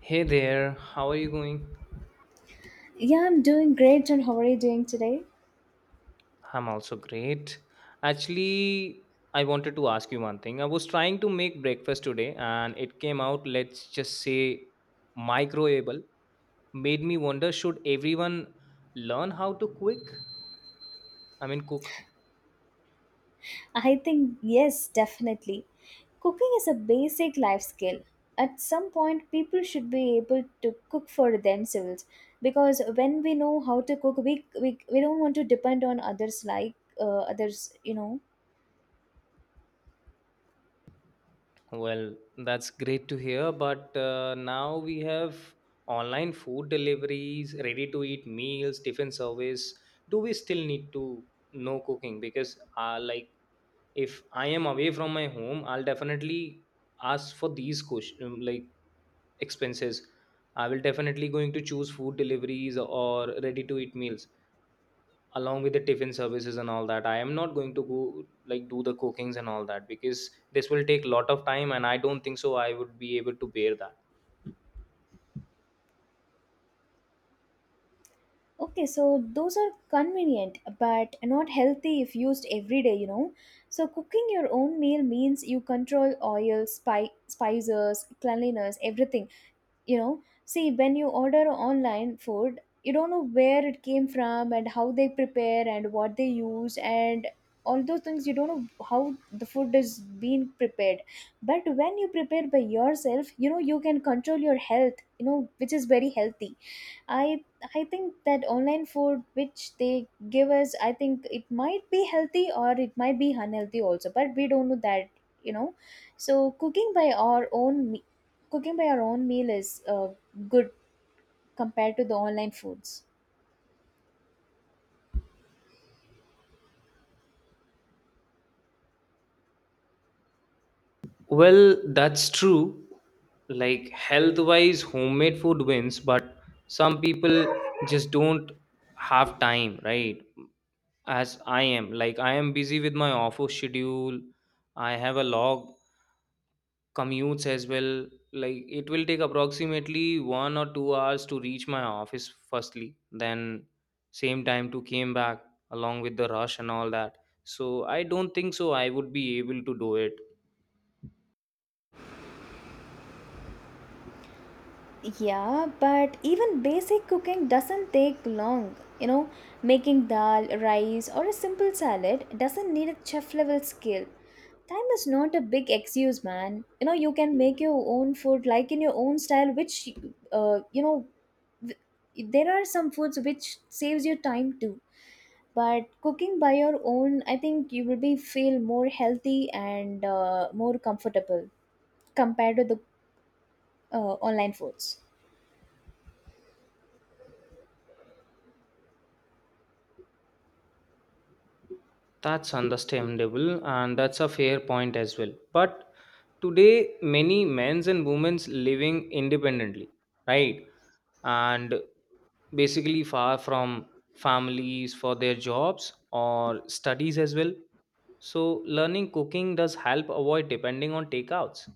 Hey there, how are you going? Yeah, I'm doing great. And how are you doing today? I'm also great. Actually, I wanted to ask you one thing. I was trying to make breakfast today and it came out, let's just say, microwavable. Made me wonder should everyone learn how to cook? I mean, cook. I think, yes, definitely. Cooking is a basic life skill. At some point, people should be able to cook for themselves because when we know how to cook, we don't want to depend on others like others, you know. Well, that's great to hear, but now we have online food deliveries, ready to eat meals, tiffin service. Do we still need to know cooking? Because, if I am away from my home, I'll definitely ask for these question, like expenses. I will definitely going to choose food deliveries or ready to eat meals along with the tiffin services and all that. I am not going to go like do the cookings and all that because this will take a lot of time and I don't think so I would be able to bear that. Okay, so those are convenient but not healthy if used every day, you know. So cooking your own meal means you control oil, spices, cleanliness, everything. You know, see, when you order online food, you don't know where it came from and how they prepare and what they use, and all those things. You don't know how the food is being prepared, but when you prepare by yourself, you know, you can control your health, you know, which is very healthy. I I think that online food which they give us, I think it might be healthy or it might be unhealthy also, but we don't know that, you know. So cooking by our own meal is good compared to the online foods. Well, that's true. Like health wise, homemade food wins, but some people just don't have time, right? As I am. Like I am busy with my office schedule. I have a log commutes as well. Like it will take approximately 1 or 2 hours to reach my office firstly, then same time to came back along with the rush and all that. So I don't think so I would be able to do it. Yeah, but even basic cooking doesn't take long. You know, making dal, rice, or a simple salad doesn't need a chef level skill. Time is not a big excuse, man. You know, you can make your own food like in your own style, which, you know, there are some foods which saves you time too. But cooking by your own, I think you will be feel more healthy and more comfortable compared to the online foods. That's understandable and that's a fair point as well. But today many men's and women's living independently, right? And basically far from families for their jobs or studies as well, so learning cooking does help avoid depending on takeouts.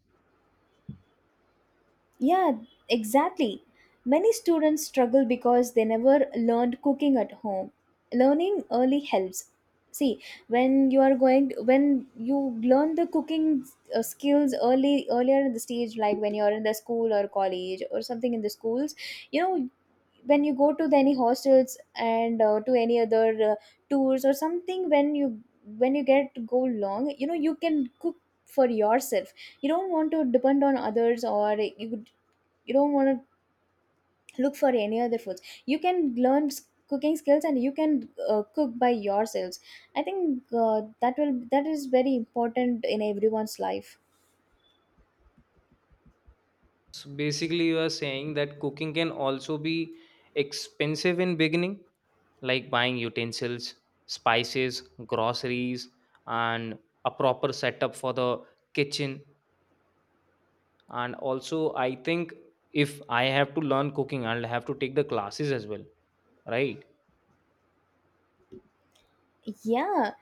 Yeah, exactly. Many students struggle because they never learned cooking at home. Learning early helps. See, when you learn the cooking skills early, earlier in the stage, like when you're in the school or college or something in the schools, you know, when you go to the, any hostels and to any other tours or something, when you get to go long, you know, you can cook for yourself. You don't want to depend on others, or you don't want to look for any other foods. You can learn s- cooking skills and you can cook by yourselves. I think that is very important in everyone's life. So basically you are saying that cooking can also be expensive in beginning, like buying utensils, spices, groceries, and a proper setup for the kitchen. And also I think if I have to learn cooking, I'll have to take the classes as well, right? Yeah.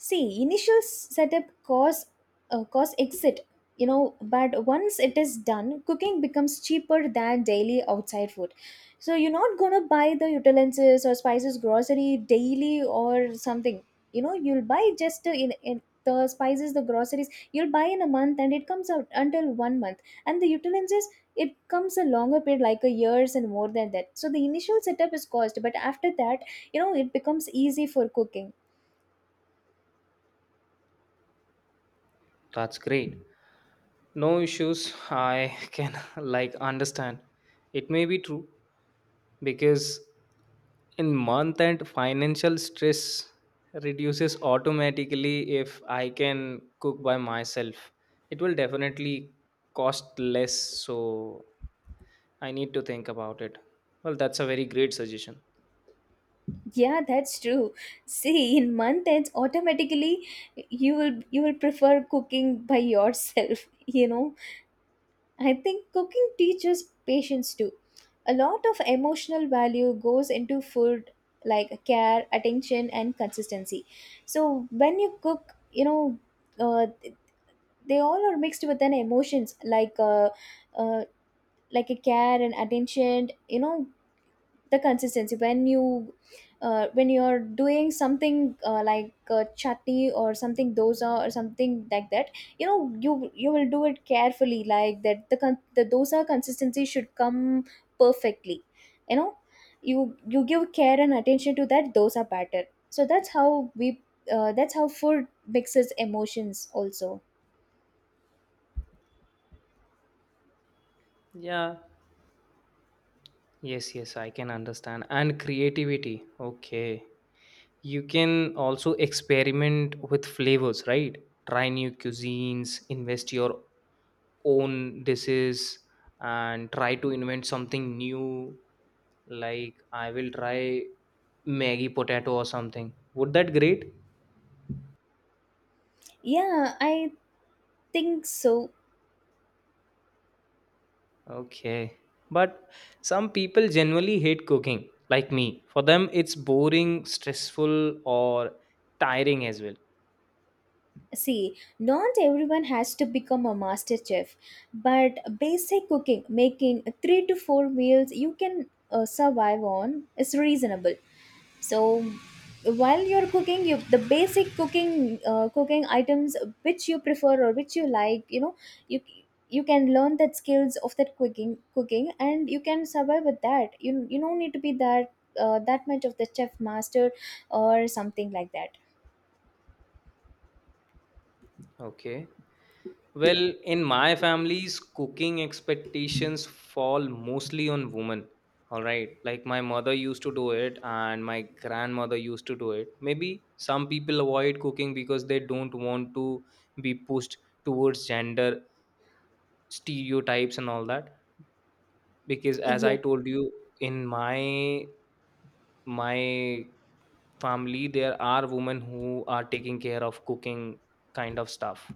See, setup cause cause exit, you know, but once it is done, cooking becomes cheaper than daily outside food. So you're not gonna buy the utensils or spices grocery daily or something. You know, you'll buy just in the spices, the groceries you'll buy in a month, and it comes out until one month. And the utensils, it comes a longer period, like a years and more than that. So the initial setup is cost, but after that, you know, it becomes easy for cooking. That's great. No issues. I can like understand. It may be true because in month end financial stress reduces automatically if I can cook by myself. It will definitely cost less, so I need to think about it. Well, that's a very great suggestion. Yeah, that's true. See, in month ends, automatically you will prefer cooking by yourself. You know, I think cooking teaches patience too. A lot of emotional value goes into food, like care, attention, and consistency. So when you cook, you know, uh, they all are mixed with an emotions uh, like a care and attention. You know, the consistency when you when you're doing something like chutney or something dosa or something like that, you know, you will do it carefully like that the the dosa consistency should come perfectly. You know, you give care and attention to that dosa batter. So that's how we that's how food mixes emotions also. Yeah. Yes, yes, I can understand. And creativity. Okay. You can also experiment with flavors, right? Try new cuisines, invest your own dishes, and try to invent something new. Like I will try maggie potato or something. Would that great? Yeah, I think so. Okay, but some people generally hate cooking like me. For them it's boring, stressful or tiring as well. See, not everyone has to become a master chef, but basic cooking, making three to four meals you can survive on, is reasonable. So, while you're cooking, you the basic cooking cooking items which you prefer or which you like, you know, you you can learn that skills of that cooking, and you can survive with that. You don't need to be that that much of the chef master or something like that. Okay. Well, in my family's cooking expectations fall mostly on women. All right. Like my mother used to do it and my grandmother used to do it. Maybe some people avoid cooking because they don't want to be pushed towards gender stereotypes and all that. Because as I Yeah. told you, in my family there are women who are taking care of cooking kind of stuff.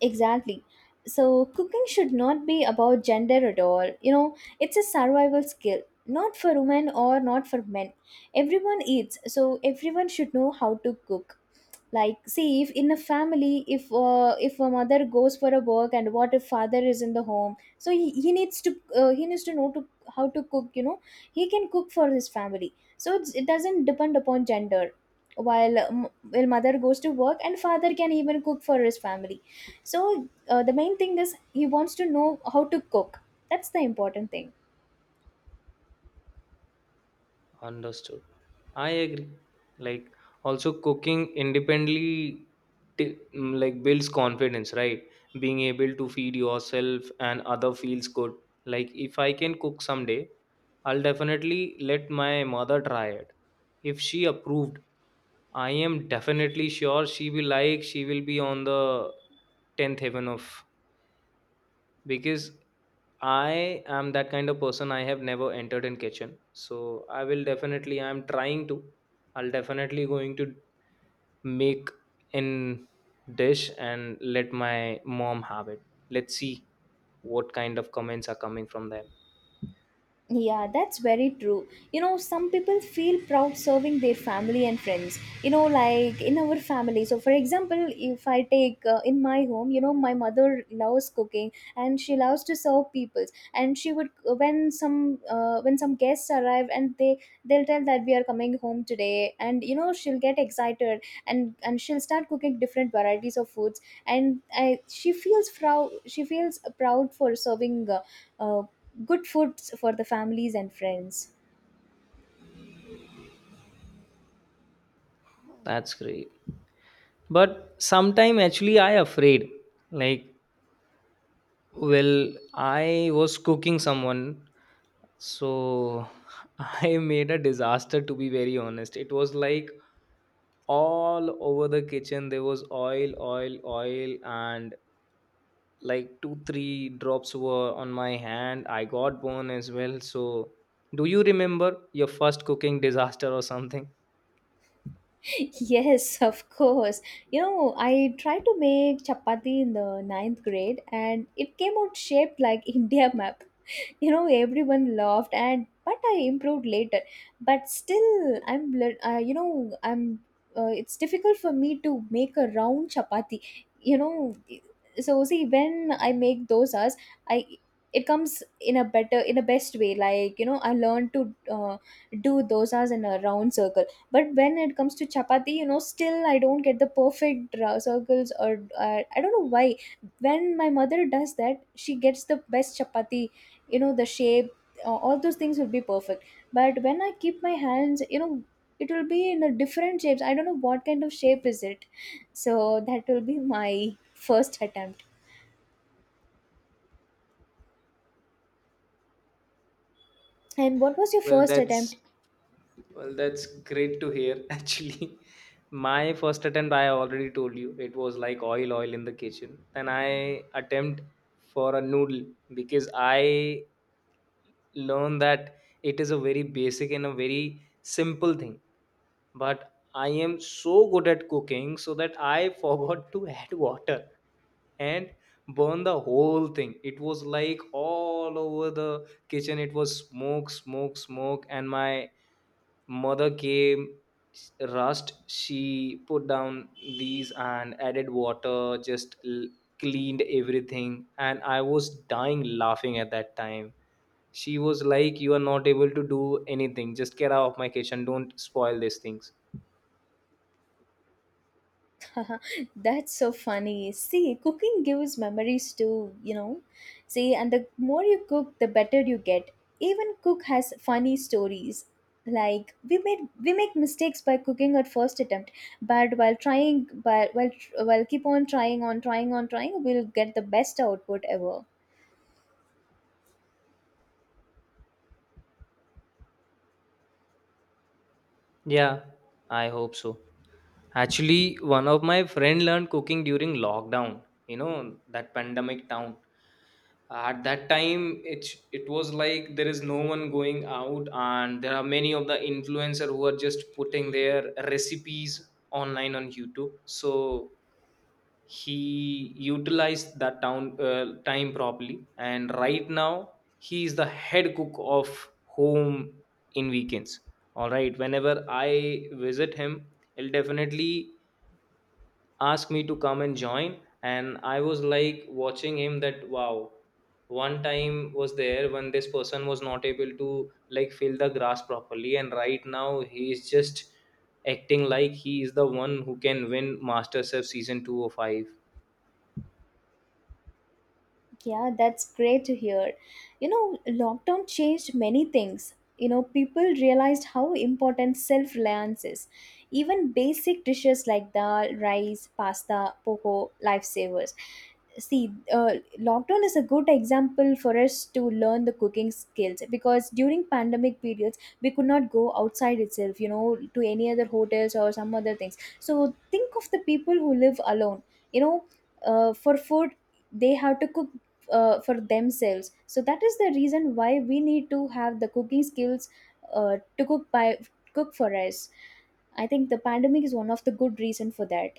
Exactly. So, cooking should not be about gender at all. You know, it's a survival skill, not for women or not for men. Everyone eats, so everyone should know how to cook. Like, see, if in a family, if a mother goes for a work and what if father is in the home, so he needs to know to how to cook, you know. He can cook for his family, so it doesn't depend upon gender. While while mother goes to work and father can even cook for his family. So the main thing is he wants to know how to cook. That's the important thing. Understood. I agree. Like also cooking independently like builds confidence, right? Being able to feed yourself and other feels good. Like if I can cook someday, I'll definitely let my mother try it. If she approved, I am definitely sure she will, like she will be on the 10th heaven of, because I am that kind of person. I have never entered in kitchen, so I will definitely, I'm trying to, I'll definitely going to make in dish and let my mom have it. Let's see what kind of comments are coming from them. Yeah, that's very true. You know, some people feel proud serving their family and friends. You know, like in our family. So, for example, if I take in my home, you know, my mother loves cooking and she loves to serve people. And she would when some guests arrive and they'll tell that we are coming home today, and you know she'll get excited and she'll start cooking different varieties of foods. And I, she feels proud. She feels proud for serving. Uh, good food for the families and friends. That's great, but sometime actually I afraid. Like, well, I was cooking someone, so I made a disaster, to be very honest. It was like all over the kitchen, there was oil, oil, oil, and like two three drops were on my hand. I got burned as well. So do you remember your first cooking disaster or something? Yes, of course. You know, I tried to make chapati in the ninth grade and it came out shaped like India map. You know, everyone laughed, and but I improved later. But still I'm you know I'm it's difficult for me to make a round chapati, you know. So see when I make dosas, I it comes in a best way, like, you know, I learned to uh, do dosas in a round circle. But when it comes to chapati, you know, still I don't get the perfect circles or I don't know why. When my mother does that she gets the best chapati, you know, the shape, all those things will be perfect. But when I keep my hands, you know, it will be in a different shapes. I don't know what kind of shape is it. So that will be my first attempt. And what was your Well, first that's, attempt? well, that's great to hear. Actually, my first attempt, I already told you, it was like oil, oil in the kitchen. And I attempt for a noodle because I learned that it is a very basic and a very simple thing. But I am so good at cooking so that I forgot to add water and burn the whole thing. It was like all over the kitchen. It was smoke, smoke, smoke, and my mother came rushed. She put down these and added water, just cleaned everything, and I was dying laughing at that time. She was like, "You are not able to do anything. Just get out of my kitchen. Don't spoil these things." That's so funny. See, cooking gives memories too, you know. See, and the more you cook, the better you get. Even cook has funny stories. Like we make mistakes by cooking at first attempt, but while trying, but while keep on trying we'll get the best output ever. Yeah, I hope so. Actually, one of my friend learned cooking during lockdown, you know, that pandemic town. At that time, it was like there is no one going out and there are many of the influencer who are just putting their recipes online on YouTube. So he utilized that town, time properly, and right now he is the head cook of home in weekends. All right, whenever I visit him, he'll definitely ask me to come and join. And I was like watching him that wow, one time was there when this person was not able to like fill the grass properly, and right now he is just acting like he is the one who can win masterchef season 205. Yeah, that's great to hear. You know, lockdown changed many things. You know, people realized how important self reliance is. Even basic dishes like dal, rice, pasta, poco, lifesavers. See, lockdown is a good example for us to learn the cooking skills, because during pandemic periods we could not go outside itself, you know, to any other hotels or some other things. So think of the people who live alone. You know, for food they have to cook for themselves. So that is the reason why we need to have the cooking skills to cook by cook for us. I think the pandemic is one of the good reason for that.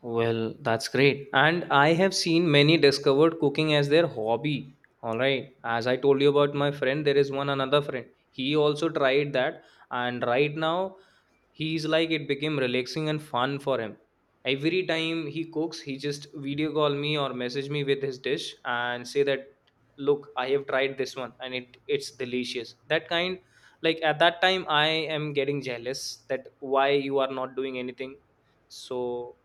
Well, that's great. And I have seen many discovered cooking as their hobby. All right. As I told you about my friend, there is one another friend. He also tried that. And right now, he's like it became relaxing and fun for him. Every time he cooks, he just video call me or message me with his dish and say that, look, I have tried this one and it's delicious, that kind. Like at that time I am getting jealous that why you are not doing anything. So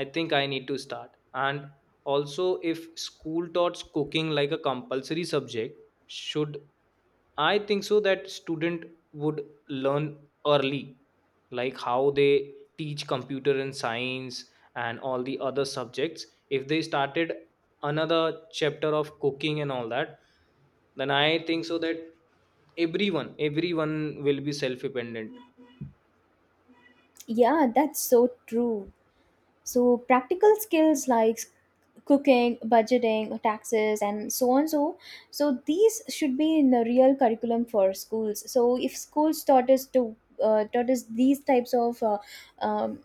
I think I need to start. And also if school taught cooking like a compulsory subject, should, I think so that student would learn early, like how they teach computer and science and all the other subjects. If they started another chapter of cooking and all that, then I think so that everyone, everyone will be self-dependent. Yeah, that's so true. So practical skills like cooking, budgeting, taxes, and so on. So so these should be in the real curriculum for schools. So if schools taught us to taught us these types of um,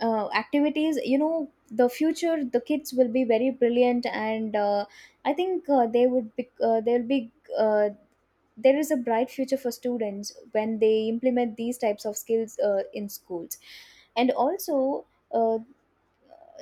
activities, you know, the future the kids will be very brilliant. And I think they'll be uh, there is a bright future for students when they implement these types of skills in schools. And also uh,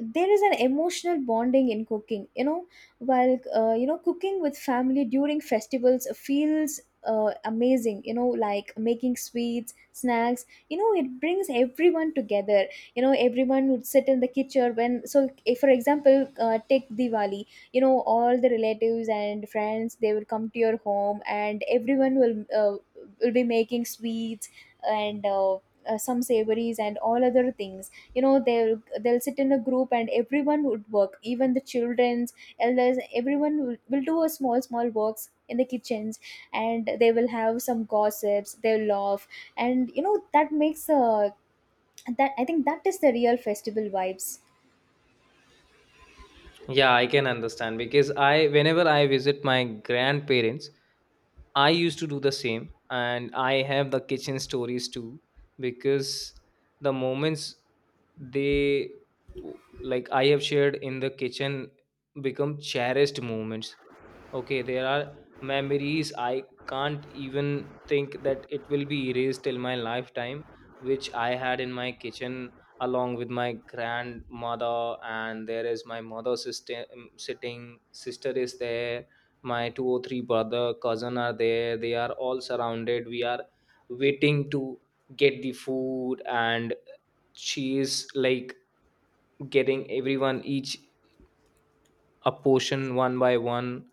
there is an emotional bonding in cooking, you know. While you know, cooking with family during festivals feels amazing, you know, like making sweets snacks, you know, it brings everyone together. You know, everyone would sit in the kitchen when, so if for example take Diwali. You know, all the relatives and friends they will come to your home, and everyone will be making sweets and some savories and all other things. You know, they'll sit in a group and everyone would work, even the children's elders. Everyone will do a small small works in the kitchens. And they will have some gossips, they'll laugh, and you know that makes a that I think that is the real festival vibes. Yeah, I can understand because I, whenever I visit my grandparents, I used to do the same, and I have the kitchen stories too because the moments they, like I have shared in the kitchen become cherished moments. Okay, there are memories I can't even think that it will be erased till my lifetime, which I had in my kitchen along with my grandmother. And there is my mother sister, sitting, sister is there, my two or three brother cousin are there, they are all surrounded. We are waiting to get the food, and she is like getting everyone each a portion one by one.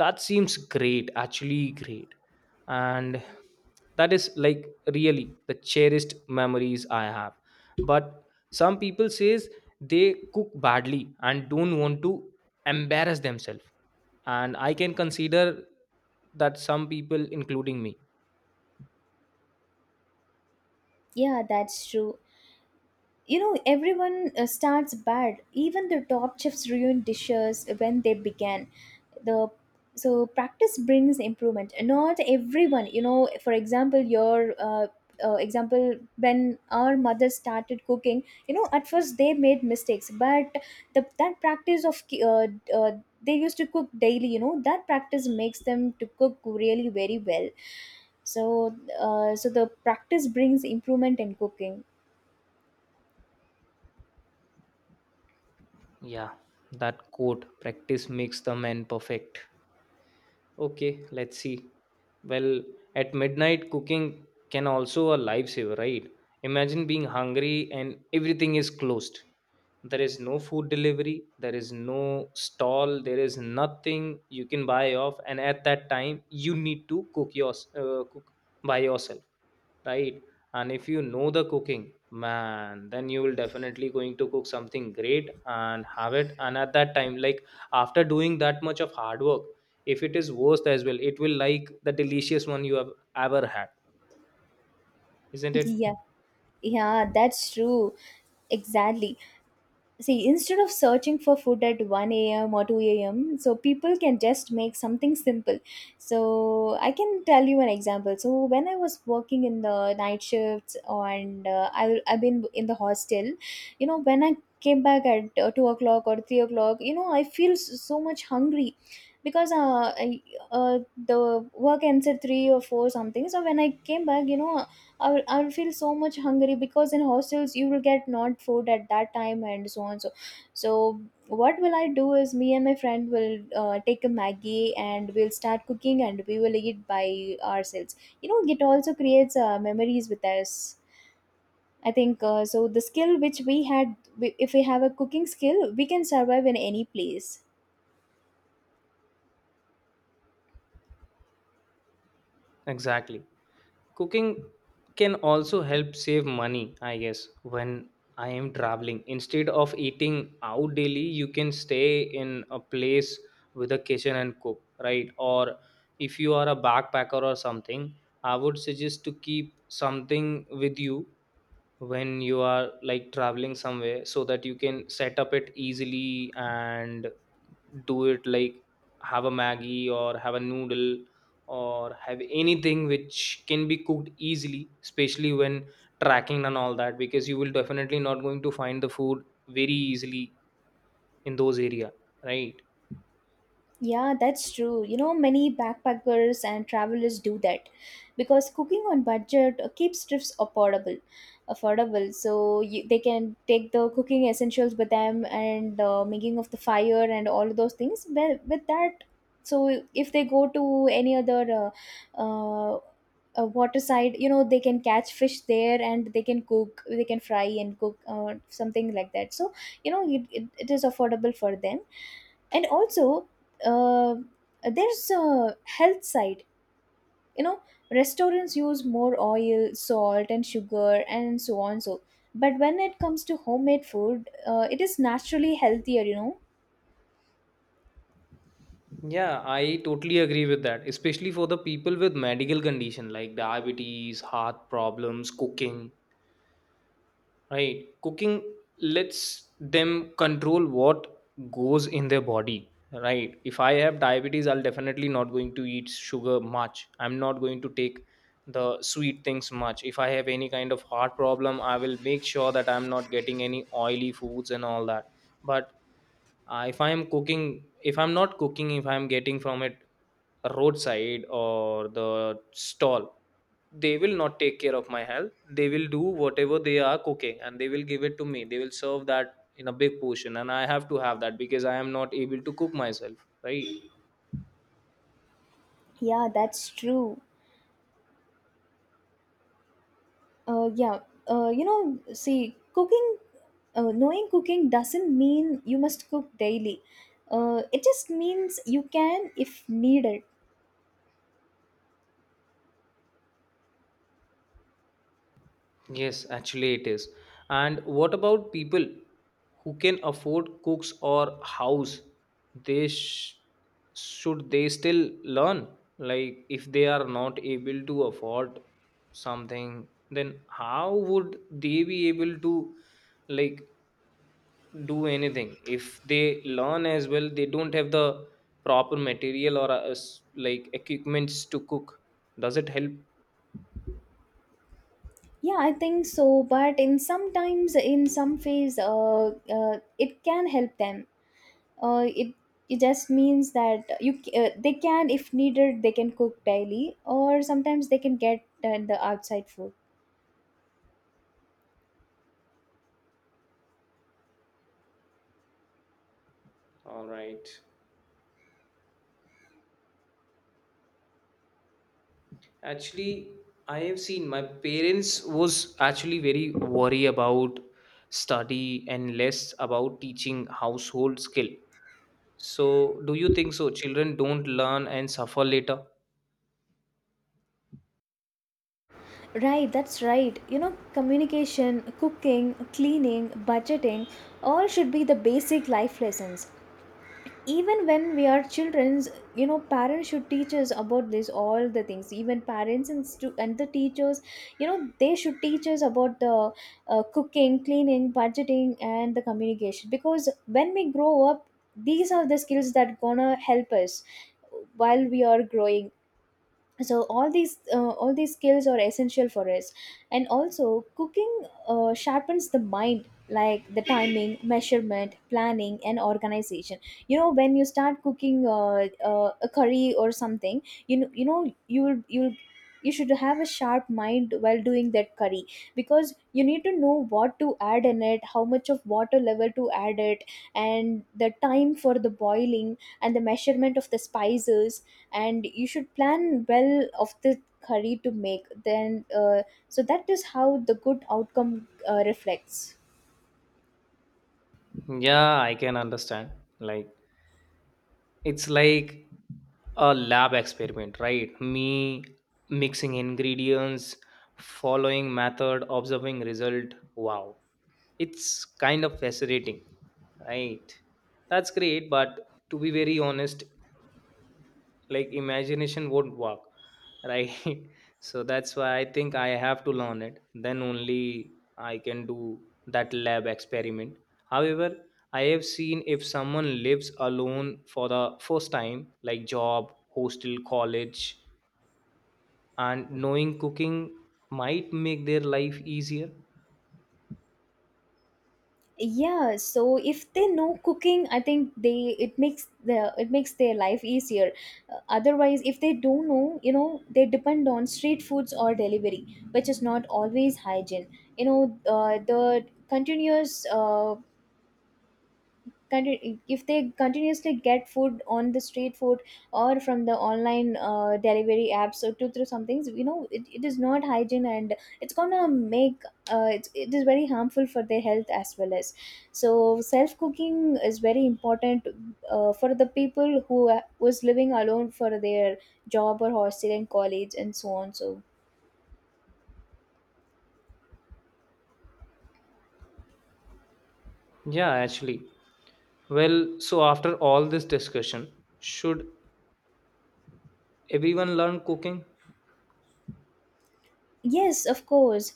That seems great, actually great. And that is like really the cherished memories I have. But some people says they cook badly and don't want to embarrass themselves, and I can consider that some people including me. Yeah, that's true. You know, everyone starts bad. Even the top chefs ruin dishes when they began. The so practice brings improvement. Not everyone, you know, for example, your example, when our mothers started cooking, you know, at first they made mistakes, but the that practice of uh, they used to cook daily. You know, that practice Makes them to cook really very well. So so the practice brings improvement in cooking. Yeah, that quote, practice makes the man perfect. Okay, let's see. Well, at midnight, cooking can also a lifesaver, right? Imagine being hungry and everything is closed. There is no food delivery, there is no stall, there is nothing you can buy off, and at that time, you need to cook yours, cook by yourself, right? And if you know the cooking man, then you will definitely going to cook something great and have it. And at that time, like, after doing that much of hard work, if it is worst as well, it will like the delicious one you have ever had, isn't it? Yeah, yeah, that's true, exactly. See, instead of searching for food at 1 a.m or 2 a.m, so people can just make something simple. So I can tell you an example. So when I was working in the night shifts and I've been in the hostel, you know, when I came back at 2 o'clock or 3 o'clock, you know, I feel so much hungry, because uh, the work ends at 3 or 4 something. So when I came back, you know, I will feel so much hungry, because in hostels you will get not food at that time and so on. So so what will I do is, me and my friend will take a Maggie and we'll start cooking and we will eat by ourselves. You know, it also creates memories with us. I think so the skill which we had, if we have a cooking skill, we can survive in any place. Exactly. Cooking can also help save money, I guess, when I am traveling. Instead of eating out daily, you can stay in a place with a kitchen and cook, right? Or if you are a backpacker or something, I would suggest to keep something with you when you are like traveling somewhere so that you can set up it easily and do it. Like have a maggie or have a noodle or have anything which can be cooked easily, especially when tracking and all that, because you will definitely not going to find the food very easily in those area, right? Yeah, that's true. You know, many backpackers and travelers do that because cooking on budget keeps trips affordable. Affordable. So you, they can take the cooking essentials with them and making of the fire and all of those things. Well, with that, so if they go to any other uh, uh, water side, you know, they can catch fish there and they can cook, they can fry and cook something like that. So you know, it is affordable for them, and also uh, there's a health side, you know, restaurants use more oil, salt and sugar and so on. So but when it comes to homemade food, it is naturally healthier, you know. Yeah, I totally agree with that, especially for the people with medical condition like diabetes, heart problems. Cooking, right. Cooking lets them control what goes in their body. Right. If I have diabetes, I'll definitely not going to eat sugar much. I'm not going to take the sweet things much. If I have any kind of heart problem, I will make sure that I'm not getting any oily foods and all that. But if I'm cooking, if I'm not cooking, if I'm getting from it roadside or the stall, they will not take care of my health. They will do whatever they are cooking and they will give it to me. They will serve that in a big portion and I have to have that because I am not able to cook myself, right? Yeah, that's true. uh, yeah you know, see, cooking, knowing cooking doesn't mean you must cook daily. It just means you can if needed. Yes, actually it is. And what about people who can afford cooks or house, they should they still learn? Like if they are not able to afford something, then how would they be able to, like, do anything if they learn as well? They don't have the proper material or like equipments to cook. Does it help? Yeah, I think so. But in sometimes, in some phase, it can help them. It it just means that they can, if needed, they can cook daily, or sometimes they can get the outside food. All right. Actually, I have seen my parents was actually very worry about study and less about teaching household skill. So do you think so children don't learn and suffer later? Right, that's right. You know, communication, cooking, cleaning, budgeting, all should be the basic life lessons. Even when we are children, you know, parents should teach us about this all the things. Even parents and and the teachers, you know, they should teach us about the cooking, cleaning, budgeting and the communication, because when we grow up, these are the skills that gonna help us while we are growing. So all these skills are essential for us. And also cooking sharpens the mind, like the timing, measurement, planning and organization. You know, when you start cooking a curry or something, you know, you know you'll you will, you should have a sharp mind while doing that curry, because you need to know what to add in it, how much of water level to add it, and the time for the boiling and the measurement of the spices. And you should plan well of the curry to make. Then so that is how the good outcome reflects. Yeah, I can understand. Like it's like a lab experiment, right? Me mixing ingredients, following method, observing result, wow, it's kind of fascinating, right? That's great, but to be very honest, like imagination won't work, right? So that's why I think I have to learn it, then only I can do that lab experiment. However, I have seen if someone lives alone for the first time, like job, hostel, college, and knowing cooking might make their life easier. Yeah, so if they know cooking, I think they, it makes the, it makes their life easier. Otherwise, if they don't know, you know, they depend on street foods or delivery, which is not always hygiene. You know, the continuous if they continuously get food on the street food, or from the online delivery apps or two through some things, you know, it is not hygiene, and it's gonna make it it is very harmful for their health as well. As so self cooking is very important for the people who was living alone for their job or hostel and college and so on. So Yeah, actually. Well, so after all this discussion, should everyone learn cooking? yes, of course,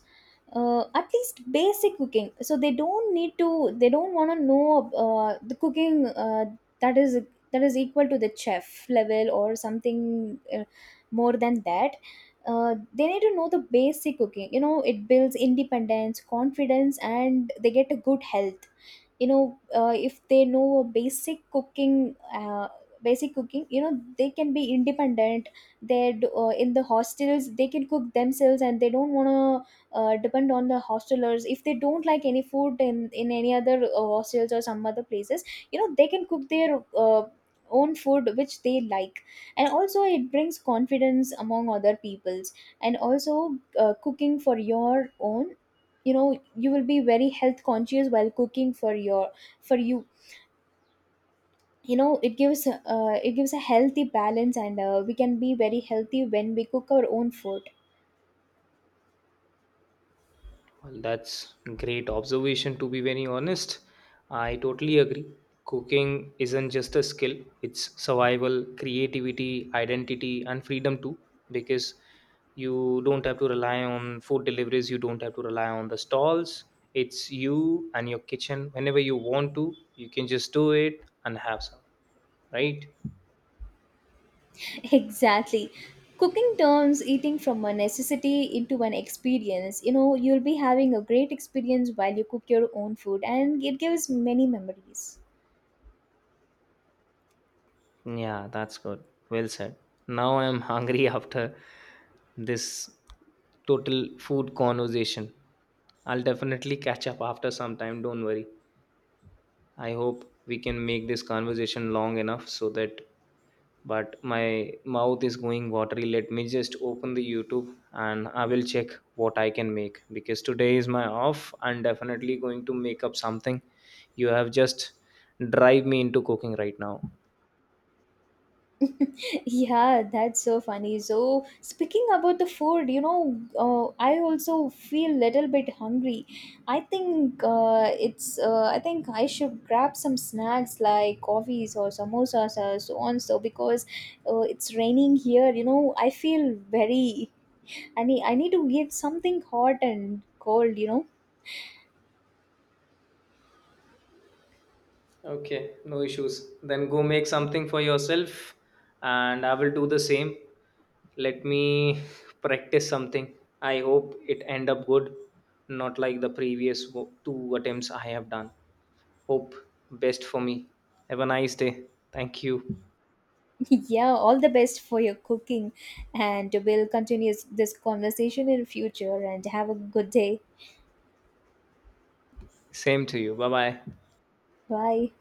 at least basic cooking. So they don't need to, they don't want to know the cooking, that is, that is equal to the chef level or something. More than that, they need to know the basic cooking. You know, it builds independence, confidence and they get a good health. You know, if they know a basic cooking, basic cooking, you know, they can be independent. In the hostels they can cook themselves and they don't want to depend on the hostelers if they don't like any food in any other hostels or some other places. You know, they can cook their own food which they like. And also it brings confidence among other peoples. And also cooking for your own, you know, you will be very health conscious while cooking for your, for you. You know, it gives a healthy balance and we can be very healthy when we cook our own food. Well, that's great observation, to be very honest. I totally agree. Cooking isn't just a skill, it's survival, creativity, identity, and freedom too. Because you don't have to rely on food deliveries, you don't have to rely on the stalls. It's you and your kitchen. Whenever you want to, you can just do it and have some, right? Exactly. Cooking turns eating from a necessity into an experience. You know, you'll be having a great experience while you cook your own food, and it gives many memories. Yeah, that's good. Well said. Now I am hungry after this total food conversation. I'll definitely catch up after some time, don't worry. I hope we can make this conversation long enough so that, but my mouth is going watery. Let me just open the YouTube and I will check what I can make because today is my off. I'm definitely going to make up something. You have just drive me into cooking right now. Yeah, that's so funny. So speaking about the food, you know, I also feel little bit hungry. I think it's I think I should grab some snacks like coffees or samosas or so on. So because it's raining here, you know, I feel very, I need to get something hot and cold, you know. Okay, no issues. Then go make something for yourself, and I will do the same. Let me practice something. I hope it end up good, not like the previous two attempts I have done. Hope best for me. Have a nice day. Thank you. Yeah, all the best for your cooking, and we'll continue this conversation in future, and have a good day. Same to you. Bye bye. Bye.